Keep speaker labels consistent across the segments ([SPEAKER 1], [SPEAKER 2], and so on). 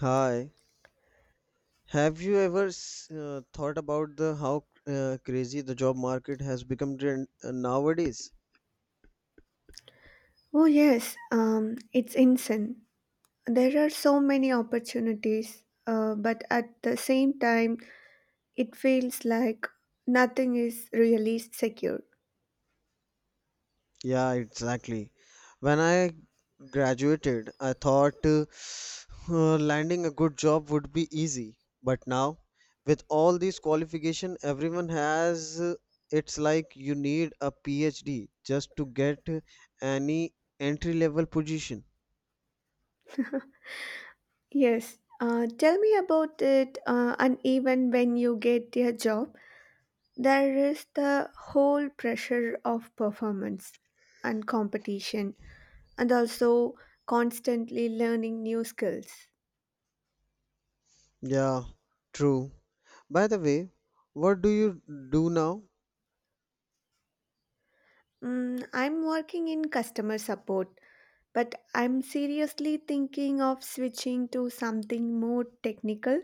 [SPEAKER 1] Hi, have you ever thought about the how crazy the job market has become nowadays?
[SPEAKER 2] Oh, yes, it's insane. There are so many opportunities, but at the same time, it feels like nothing is really secure.
[SPEAKER 1] Yeah, exactly. When I graduated, I thought landing a good job would be easy, but now with all these qualification everyone has, it's like you need a PhD just to get any entry level position.
[SPEAKER 2] Yes, tell me about it, and even when you get your job, there is the whole pressure of performance and competition, and also constantly learning new skills.
[SPEAKER 1] Yeah, true. By the way, what do you do now?
[SPEAKER 2] Mm, I'm working in customer support but I'm seriously thinking of switching to something more technical.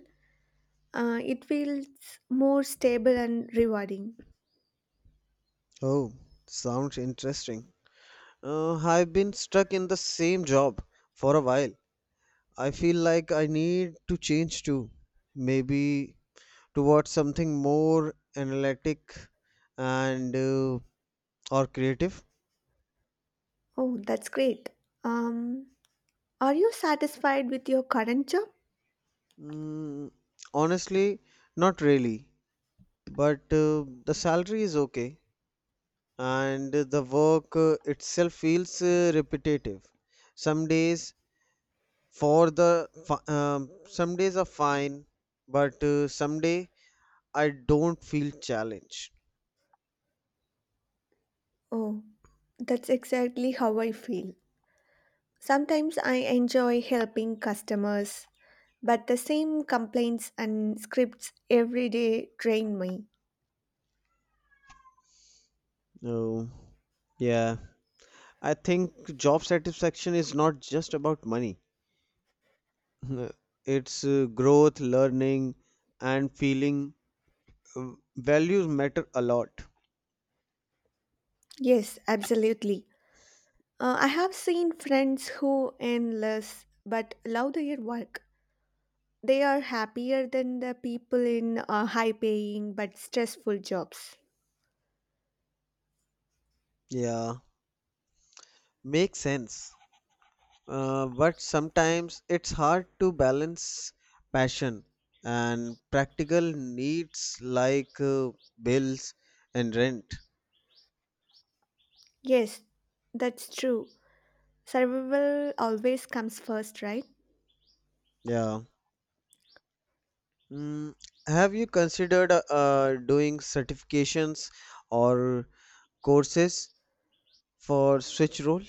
[SPEAKER 2] It feels more stable and rewarding.
[SPEAKER 1] Oh, sounds interesting. I've been stuck in the same job for a while. I feel like I need to change too. Maybe towards something more analytic and or creative.
[SPEAKER 2] Oh, that's great. Um, are you satisfied with your current job?
[SPEAKER 1] Mm, honestly, not really. But The salary is okay, and the work itself feels repetitive. Some days for the fi- Some days are fine but some day I don't feel challenged.
[SPEAKER 2] Oh, that's exactly how I feel. Sometimes I enjoy helping customers, but the same complaints and scripts every day drain me.
[SPEAKER 1] Oh, yeah, I think job satisfaction is not just about money. Uh, it's growth, learning, and feeling uh, values matter a lot.
[SPEAKER 2] Yes, absolutely. I have seen friends who earn less but love their work. They are happier than the people in high paying but stressful jobs.
[SPEAKER 1] Yeah, makes sense. But sometimes it's hard to balance passion and practical needs like bills and rent.
[SPEAKER 2] Yes, that's true. Survival always comes first, right?
[SPEAKER 1] Yeah. Mm, have you considered doing certifications or courses for switch role?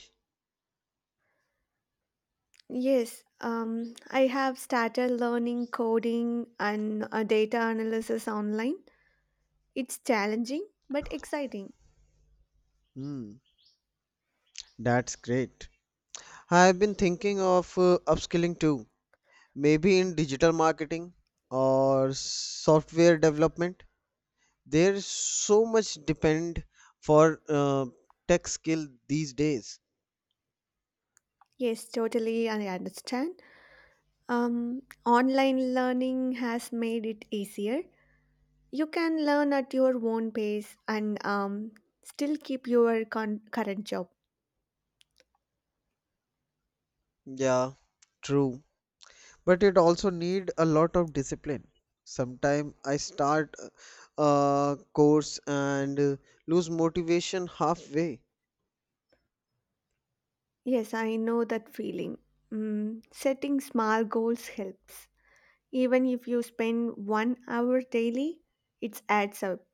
[SPEAKER 2] Yes, I have started learning coding and data analysis online. It's challenging but exciting.
[SPEAKER 1] Hmm, that's great. I've been thinking of upskilling too, maybe in digital marketing or software development. There's so much depend for tech skill these days.
[SPEAKER 2] Yes, totally, I understand. Online learning has made it easier. You can learn at your own pace and still keep your current job.
[SPEAKER 1] Yeah, true. But it also need a lot of discipline. Sometime I start a course and lose motivation halfway.
[SPEAKER 2] Yes, I know that feeling. Mm, setting small goals helps. Even if you spend 1 hour daily, it adds up.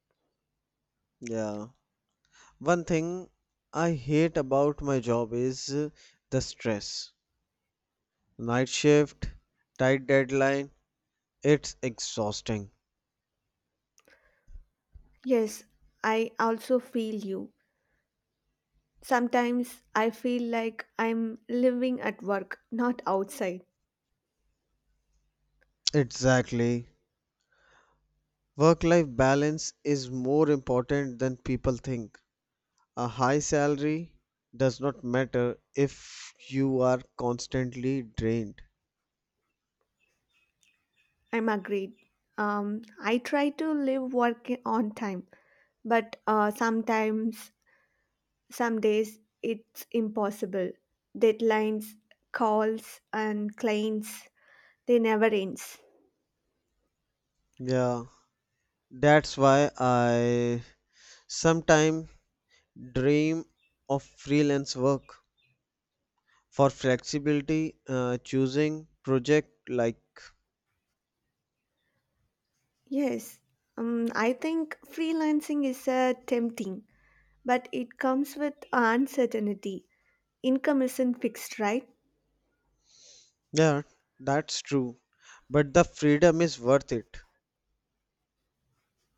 [SPEAKER 1] Yeah, one thing I hate about my job is the stress, night shift, tight deadline, it's exhausting.
[SPEAKER 2] Yes, I also feel you. Sometimes I feel like I'm living at work, not outside.
[SPEAKER 1] Exactly, work life balance is more important than people think. A high salary does not matter if you are constantly drained.
[SPEAKER 2] I'm agreed. I try to live work on time, but some days, it's impossible. Deadlines, calls, and clients, they never end.
[SPEAKER 1] Yeah, that's why I sometimes dream of freelance work for flexibility, choosing project like.
[SPEAKER 2] Yes, I think freelancing is tempting, but it comes with uncertainty. Income isn't fixed, right?
[SPEAKER 1] Yeah, that's true. But the freedom is worth it.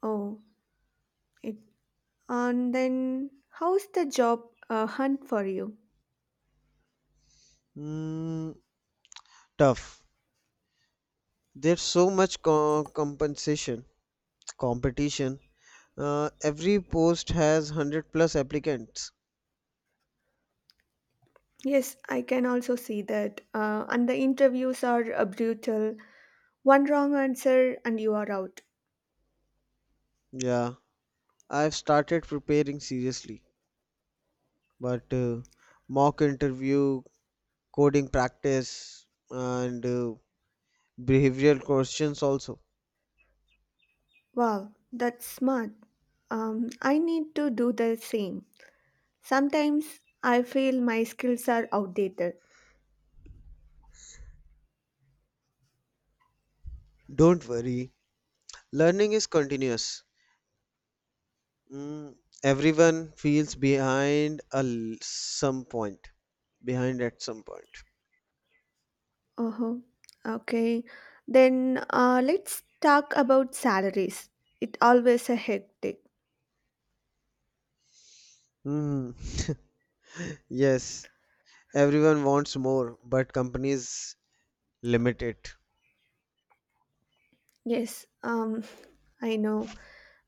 [SPEAKER 2] Oh, it, and then how's the job hunt for you?
[SPEAKER 1] Mm, tough. There's so much compensation, competition. Every post has 100 plus applicants.
[SPEAKER 2] Yes, I can also see that. And the interviews are brutal. One wrong answer and you are out.
[SPEAKER 1] Yeah, I've started preparing seriously, but mock interview, coding practice, and behavioral questions also.
[SPEAKER 2] Wow, that's smart. I need to do the same. Sometimes I feel my skills are outdated.
[SPEAKER 1] Don't worry, learning is continuous. Mm, everyone feels behind at some point.
[SPEAKER 2] Uh-huh. Okay. Then let's talk about salaries. It always a hectic.
[SPEAKER 1] Mm, yes, everyone wants more, but companies limit it.
[SPEAKER 2] Yes, I know.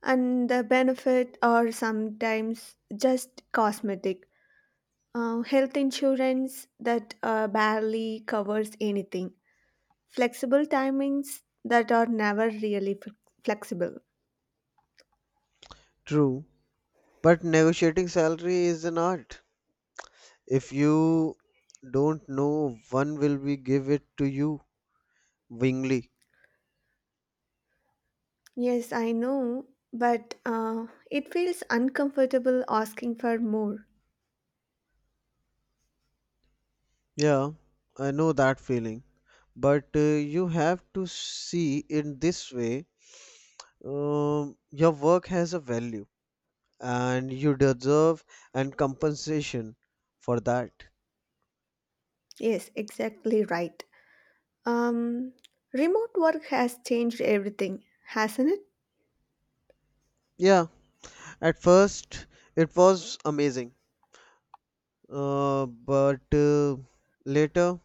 [SPEAKER 2] And the benefit are sometimes just cosmetic. Health insurance that barely covers anything. Flexible timings that are never really flexible.
[SPEAKER 1] True, but negotiating salary is an art. If you don't know, one will be give it to you willingly.
[SPEAKER 2] Yes, I know, but it feels uncomfortable asking for more.
[SPEAKER 1] Yeah, I know that feeling. But you have to see in this way, your work has a value and you deserve and compensation for that.
[SPEAKER 2] Yes, exactly right. Um, Remote work has changed everything, hasn't it?
[SPEAKER 1] Yeah, at first it was amazing, but later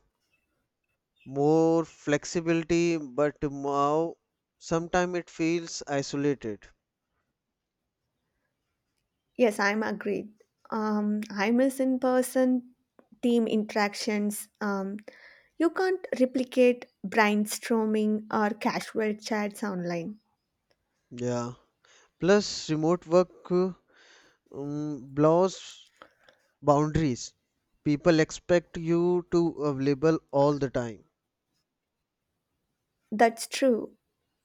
[SPEAKER 1] more flexibility, but now sometimes it feels isolated.
[SPEAKER 2] Yes, I'm agreed. I miss in person team interactions. You can't replicate brainstorming or casual chats online.
[SPEAKER 1] Yeah, plus remote work blurs boundaries. People expect you to available all the time.
[SPEAKER 2] That's true.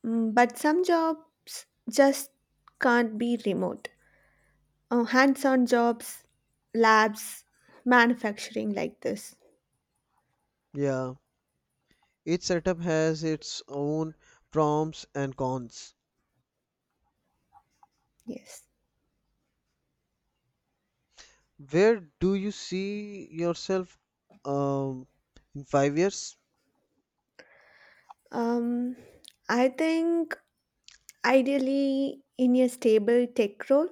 [SPEAKER 2] Mm, but some jobs just can't be remote. Hands on jobs, labs, manufacturing like this.
[SPEAKER 1] Yeah, each setup has its own prompts and cons.
[SPEAKER 2] Yes.
[SPEAKER 1] Where do you see yourself, um, in 5 years?
[SPEAKER 2] Um, I think Ideally, in a stable tech role,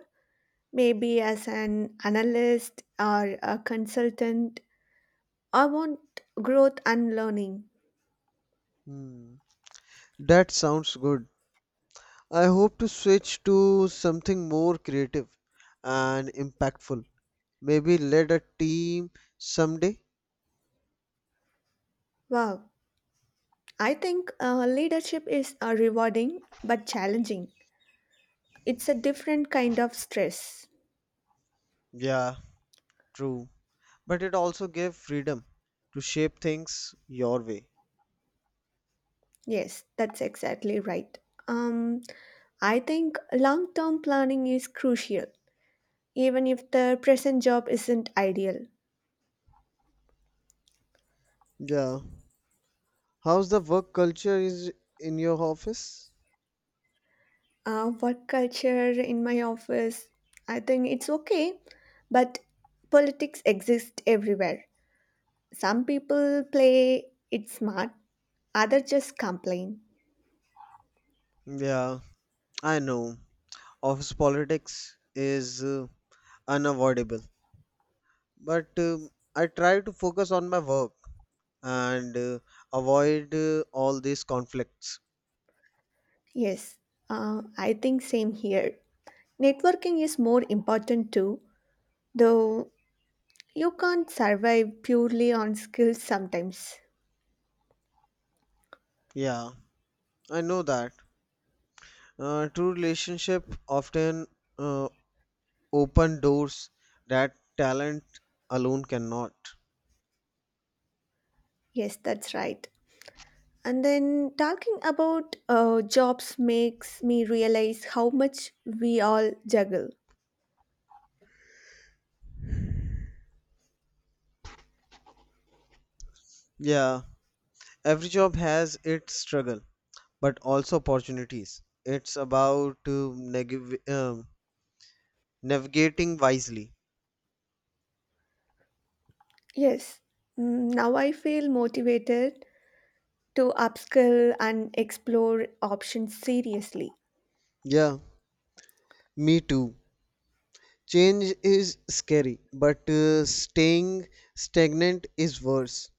[SPEAKER 2] maybe as an analyst or a consultant, I want growth and learning.
[SPEAKER 1] Hmm, that sounds good. I hope to switch to something more creative and impactful. Maybe lead a team someday.
[SPEAKER 2] Wow, I think leadership is rewarding but challenging. It's a different kind of stress.
[SPEAKER 1] Yeah, true. But it also gave freedom to shape things your way.
[SPEAKER 2] Yes, that's exactly right. Um, I think long term planning is crucial, even if the present job isn't ideal.
[SPEAKER 1] Yeah. How's the work culture is in your office?
[SPEAKER 2] Work culture in my office. I think it's okay, but politics exists everywhere. Some people play it smart, others just complain.
[SPEAKER 1] Yeah, I know. Office politics is unavoidable. But um, I try to focus on my work and avoid all these conflicts.
[SPEAKER 2] Yes, I think same here. Networking is more important too, though you can't survive purely on skills sometimes.
[SPEAKER 1] Yeah, I know that. True relationship often uh, open doors that talent alone cannot.
[SPEAKER 2] Yes, that's right. And then talking about jobs makes me realize how much we all juggle.
[SPEAKER 1] Yeah, every job has its struggle, but also opportunities. It's about neg- um navigating wisely.
[SPEAKER 2] Yes, mm, now I feel motivated to upskill and explore options seriously.
[SPEAKER 1] Yeah, me too. Change is scary, but staying stagnant is worse.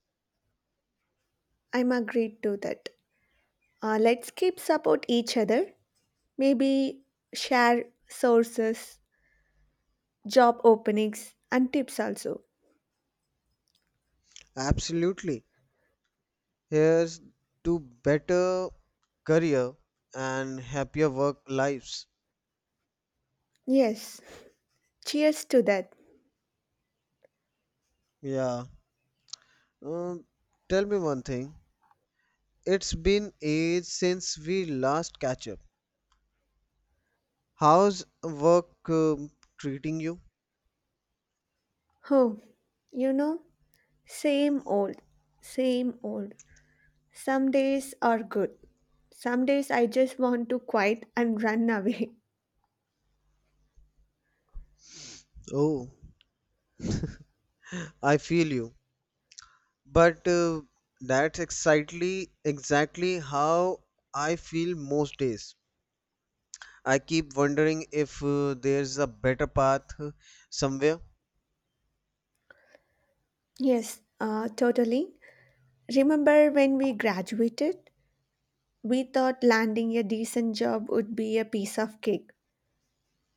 [SPEAKER 2] I'm agreed to that. Let's keep support each other. Maybe share sources, job openings, and tips also.
[SPEAKER 1] Absolutely. Here's to better career and happier work lives.
[SPEAKER 2] Yes, cheers to that.
[SPEAKER 1] Yeah. Um, tell me one thing. It's been ages since we last catch up. How's work, um, treating you?
[SPEAKER 2] Oh, you know, same old, same old. Some days are good. Some days I just want to quit and run away.
[SPEAKER 1] Oh, I feel you, but that's exactly how I feel most days. I keep wondering if there's a better path, somewhere.
[SPEAKER 2] Yes, totally. Remember when we graduated? We thought landing a decent job would be a piece of cake.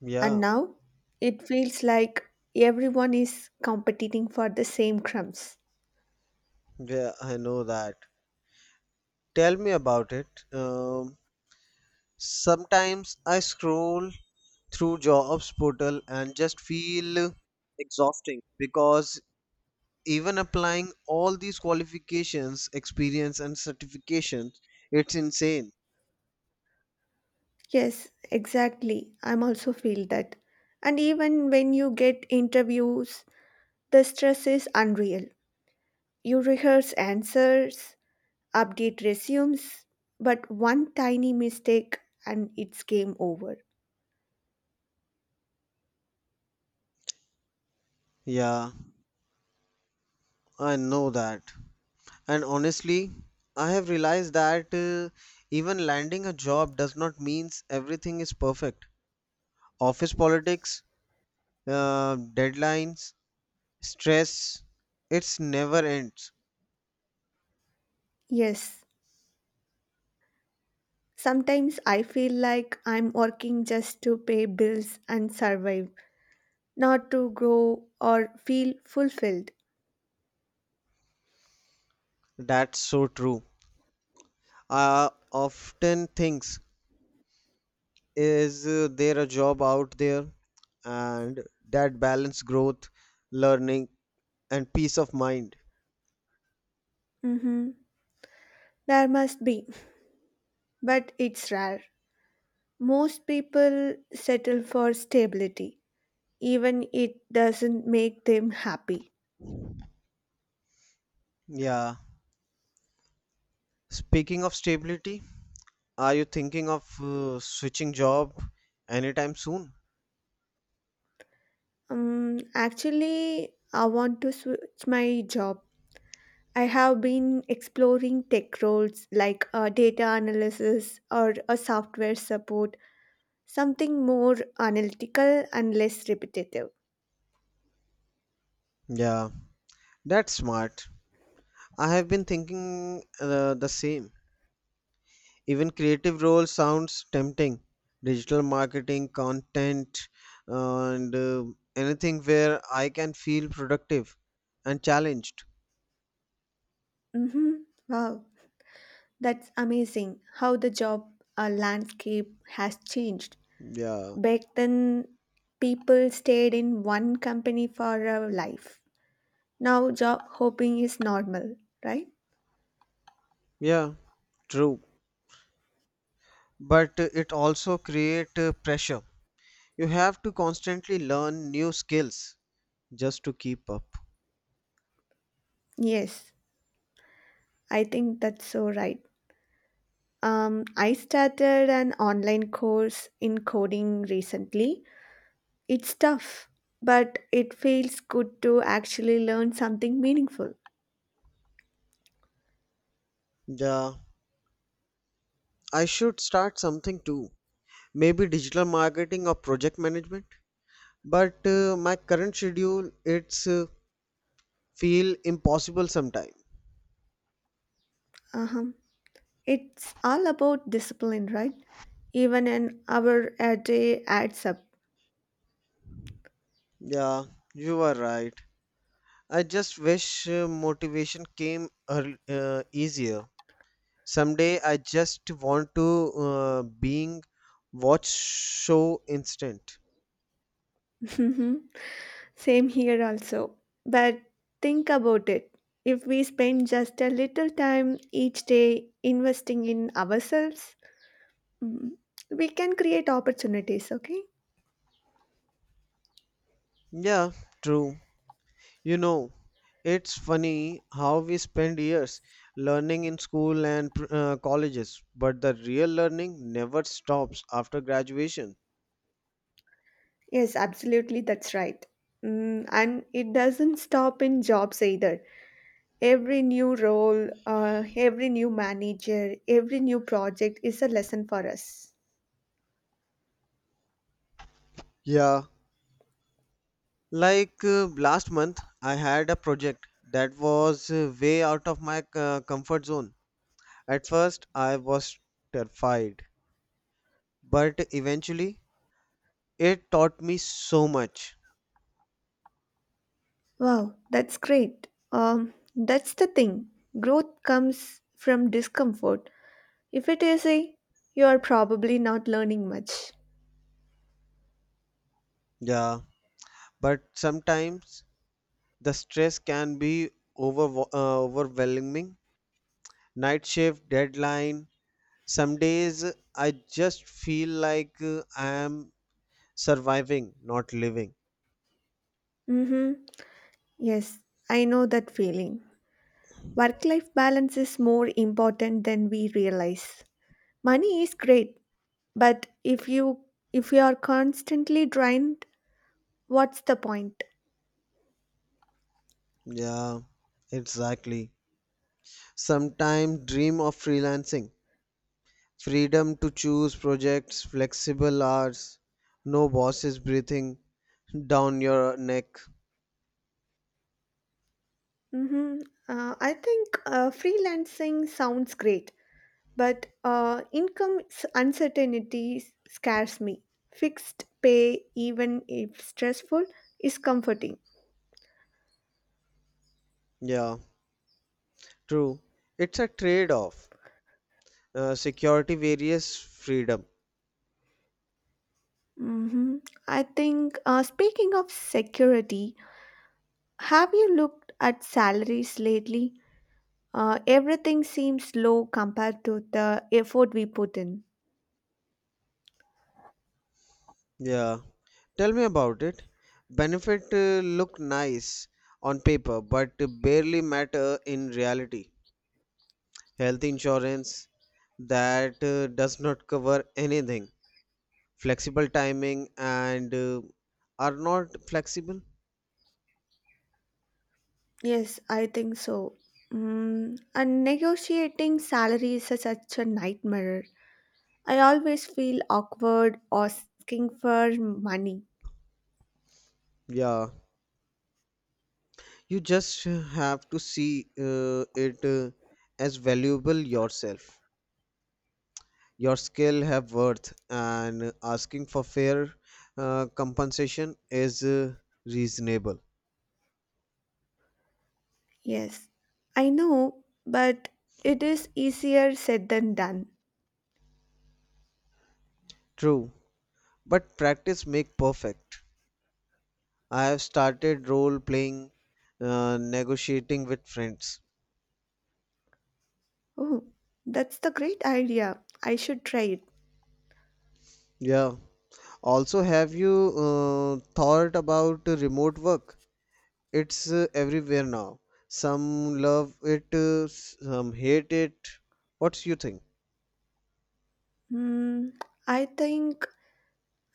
[SPEAKER 1] Yeah,
[SPEAKER 2] And now it feels like everyone is competing for the same crumbs.
[SPEAKER 1] yeah, I know that. Tell me about it. Um, sometimes I scroll through jobs portal and just feel exhausting because even applying all these qualifications, experience, and certifications, it's insane.
[SPEAKER 2] Yes, exactly. I'm also feel that. And even when you get interviews, the stress is unreal. You rehearse answers, update resumes, but one tiny mistake and it's game over.
[SPEAKER 1] Yeah. I know that. And honestly, I have realized that even landing a job does not means everything is perfect. Office politics, deadlines, stress, it's never ends.
[SPEAKER 2] Yes, sometimes I feel like I'm working just to pay bills and survive, not to grow or feel fulfilled.
[SPEAKER 1] That's so true. I often thinks is there a job out there and that balance growth, learning and peace of mind.
[SPEAKER 2] Mhm. There must be, but it's rare. Most people settle for stability, even it doesn't make them happy.
[SPEAKER 1] Yeah. Speaking of stability, are you thinking of switching job anytime soon?
[SPEAKER 2] Actually, I want to switch my job. I have been exploring tech roles like data analysis or a software support. Something more analytical and less repetitive.
[SPEAKER 1] Yeah, that's smart. I have been thinking the same. Even creative role sounds tempting. Digital marketing, content, and anything where I can feel productive and challenged.
[SPEAKER 2] hmm Wow, that's amazing how the job landscape has changed.
[SPEAKER 1] Yeah,
[SPEAKER 2] Back then, people stayed in one company for a life. Now, job hopping is normal, right?
[SPEAKER 1] yeah, true. But it also create pressure. You have to constantly learn new skills just to keep up.
[SPEAKER 2] Yes, I think that's so right. I started an online course in coding recently. It's tough, but it feels good to actually learn something meaningful.
[SPEAKER 1] Yeah, I should start something too. Maybe digital marketing or project management. But my current schedule it's feel impossible sometime.
[SPEAKER 2] Uh-huh. It's all about discipline, right? Even an hour a day adds up.
[SPEAKER 1] Yeah, you are right. I just wish motivation came easier. Someday I just want to being watch show instant.
[SPEAKER 2] Same here also. But think about it. If we spend just a little time each day investing in ourselves, mm, we can create opportunities, okay?
[SPEAKER 1] Yeah, true. You know, it's funny how we spend years learning in school and colleges, but the real learning never stops after graduation.
[SPEAKER 2] Yes, absolutely, that's right. Mm, and it doesn't stop in jobs either. Every new role, every new manager, every new project is a lesson for us.
[SPEAKER 1] Yeah. Like last month, I had a project that was way out of my comfort zone. At first, I was terrified, but eventually, it taught me so much.
[SPEAKER 2] Wow, that's great. That's the thing. Growth comes from discomfort. If it is a, you are probably not learning much.
[SPEAKER 1] Yeah, but sometimes the stress can be over overwhelming, night shift deadline, some days I just feel like I am surviving, not living.
[SPEAKER 2] Mm-hmm. Yes, I know that feeling. Work life balance is more important than we realize. Money is great, but if you are constantly drained, what's the point?
[SPEAKER 1] Yeah, exactly, sometimes dream of freelancing, freedom to choose projects, flexible hours, no bosses breathing down your neck.
[SPEAKER 2] Mm-hmm. I think freelancing sounds great, but income uncertainty scares me. Fixed pay, even if stressful, is comforting.
[SPEAKER 1] Yeah, true, it's a trade off, security various freedom.
[SPEAKER 2] Mhm. I think, speaking of security, have you looked at salaries lately? Everything seems low compared to the effort we put in.
[SPEAKER 1] Yeah. Tell me about it. Benefit look nice on paper, but barely matter in reality. Health insurance that does not cover anything. Flexible timing and are not flexible.
[SPEAKER 2] Yes, I think so. Mm, and negotiating salaries is such a nightmare. I always feel awkward asking for money.
[SPEAKER 1] Yeah, you just have to see it as valuable yourself. Your skill have worth, and asking for fair compensation is reasonable.
[SPEAKER 2] Yes, I know, but it is easier said than done.
[SPEAKER 1] True. But practice make perfect. I have started role playing, negotiating with friends.
[SPEAKER 2] Oh, that's the great idea. I should try it.
[SPEAKER 1] Yeah. Also, have you thought about remote work? It's everywhere now. Some love it, some hate it. What's you think?
[SPEAKER 2] Hmm, I think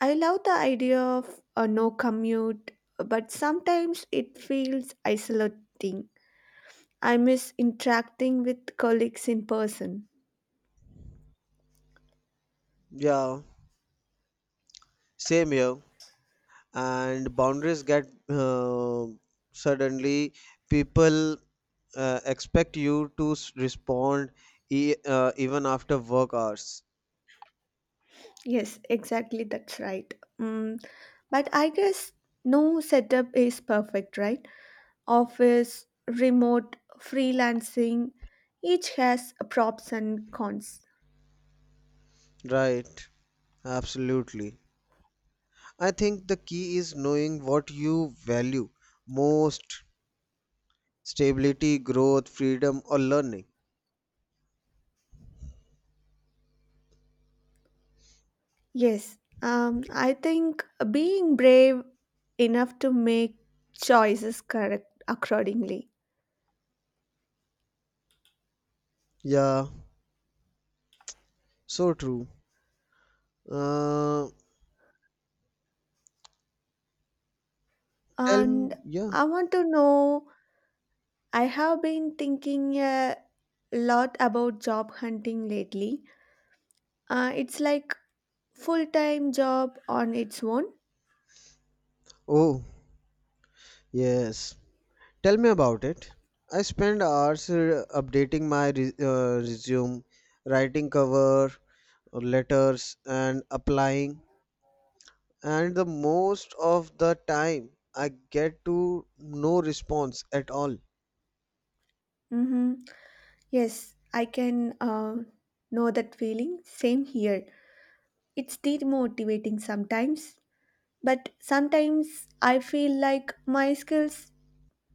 [SPEAKER 2] I love the idea of a no commute, but sometimes it feels isolating. I miss interacting with colleagues in person.
[SPEAKER 1] Yeah, same here. And boundaries get suddenly people expect you to respond, even after work hours.
[SPEAKER 2] Yes, exactly, that's right. Hmm, but I guess no setup is perfect, right? Office, remote, freelancing, each has props and cons.
[SPEAKER 1] Right, absolutely. I think the key is knowing what you value most, stability, growth, freedom, or learning.
[SPEAKER 2] Yes, I think being brave enough to make choices correct accordingly.
[SPEAKER 1] Yeah, so true. Uh, Tell me,
[SPEAKER 2] And
[SPEAKER 1] yeah.
[SPEAKER 2] I want to know, I have been thinking a lot about job hunting lately. It's like full-time job on its own.
[SPEAKER 1] Oh, yes. Tell me about it. I spend hours updating my resume, writing cover letters, and applying. And the most of the time, I get to no response at all.
[SPEAKER 2] Mm-hmm. Yes, I can know that feeling. Same here. It's demotivating sometimes, but sometimes I feel like my skills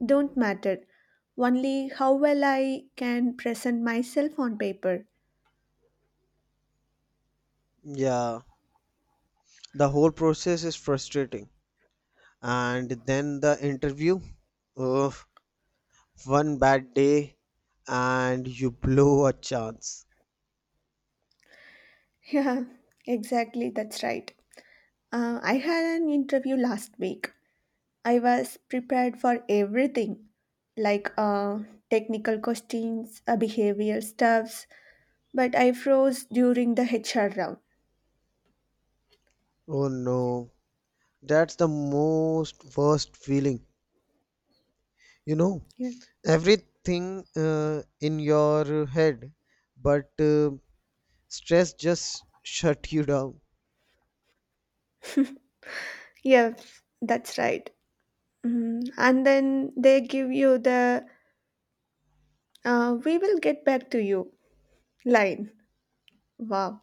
[SPEAKER 2] don't matter, only how well I can present myself on paper.
[SPEAKER 1] Yeah, the whole process is frustrating. And then the interview, ugh, one bad day and you blow a chance.
[SPEAKER 2] Yeah, exactly, that's right. I had an interview last week. I was prepared for everything, like technical questions, behavioral stuffs, but I froze during the HR round.
[SPEAKER 1] Oh no, that's the most worst feeling. You know,
[SPEAKER 2] Yeah.
[SPEAKER 1] everything in your head, but stress just shut you down.
[SPEAKER 2] Yes, that's right. Mhm. And then they give you the we will get back to you line. Wow.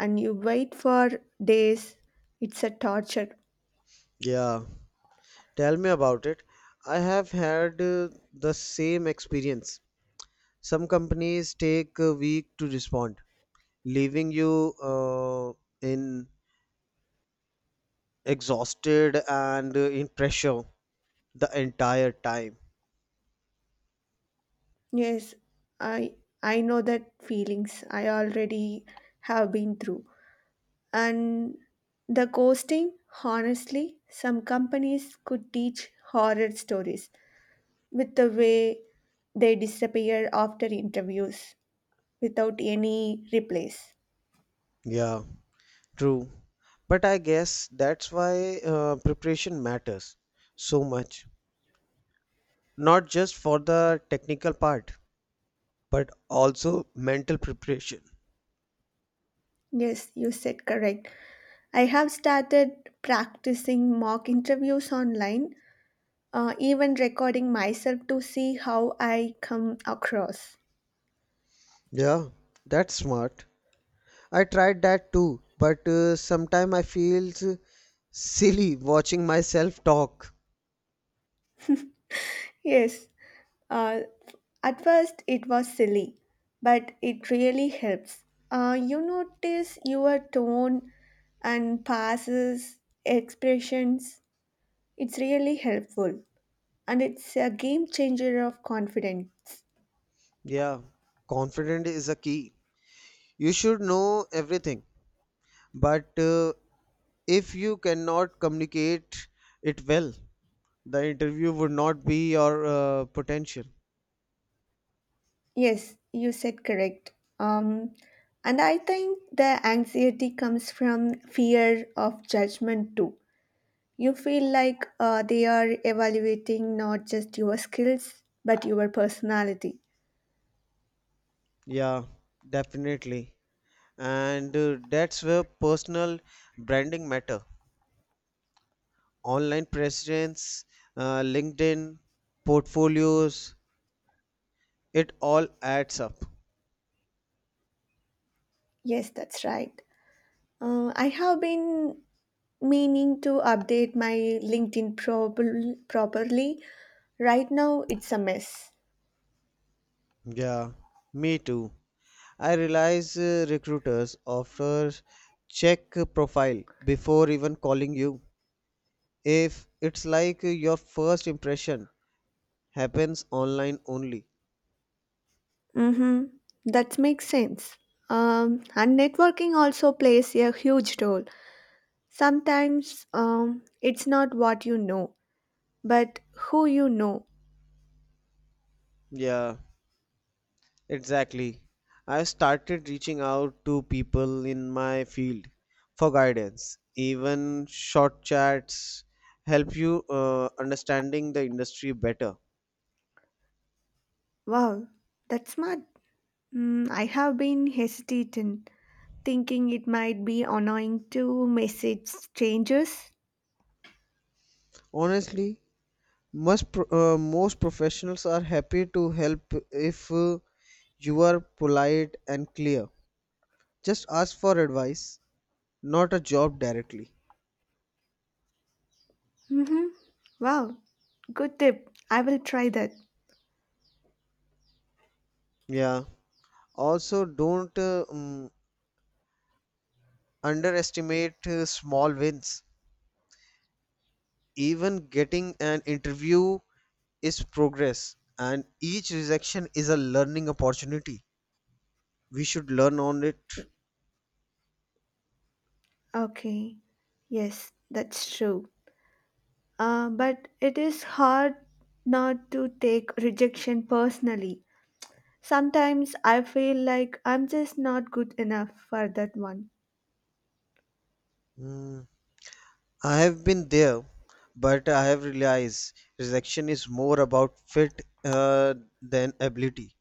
[SPEAKER 2] And you wait for days. It's a torture.
[SPEAKER 1] Yeah, tell me about it. I have had the same experience. Some companies take a week to respond, leaving you in exhausted and in pressure the entire time.
[SPEAKER 2] Yes, I I know that feelings. I already have been through. And the ghosting, honestly, some companies could teach horror stories with the way they disappear after interviews without any replace.
[SPEAKER 1] Yeah, true. But I guess that's why preparation matters so much, not just for the technical part, but also mental preparation.
[SPEAKER 2] Yes, you said correct. I have started practicing mock interviews online, even recording myself to see how I come across.
[SPEAKER 1] Yeah, that's smart. I tried that too, but sometimes I feel silly watching myself talk.
[SPEAKER 2] Yes, uh, at first it was silly, but it really helps. You notice your tone and passes, expressions. It's really helpful, and it's a game changer of confidence.
[SPEAKER 1] Yeah, confident is a key. You should know everything, but if you cannot communicate it well, the interview would not be your potential.
[SPEAKER 2] Yes, you said correct. Um, and I think the anxiety comes from fear of judgment too. You feel like they are evaluating not just your skills but your personality.
[SPEAKER 1] Yeah, definitely. And that's where personal branding matter, online presence, linkedin, portfolios, it all adds up.
[SPEAKER 2] Yes, that's right. I have been meaning to update my LinkedIn probably, properly. Right now, it's a mess.
[SPEAKER 1] Yeah, me too. I realize recruiters often check profile before even calling you. If it's like your first impression happens online only.
[SPEAKER 2] Mm-hmm. That makes sense. And networking also plays a huge role. Sometimes it's not what you know, but who you know.
[SPEAKER 1] Yeah, exactly. I started reaching out to people in my field for guidance. Even short chats help you understanding the industry better.
[SPEAKER 2] Wow, that's smart. Mm, I have been hesitating, thinking it might be annoying to message strangers.
[SPEAKER 1] Honestly, most professionals are happy to help if you are polite and clear. Just ask for advice, not a job directly.
[SPEAKER 2] Mm-hmm. Wow, good tip. I will try that.
[SPEAKER 1] Yeah. Also, don't underestimate small wins. Even getting an interview is progress, and each rejection is a learning opportunity. We should learn on it.
[SPEAKER 2] Y- Okay, yes, that's true. But it is hard not to take rejection personally. Sometimes I feel like I'm just not good enough for that one.
[SPEAKER 1] Mm, I have been there, but I have realized rejection is more about fit than ability.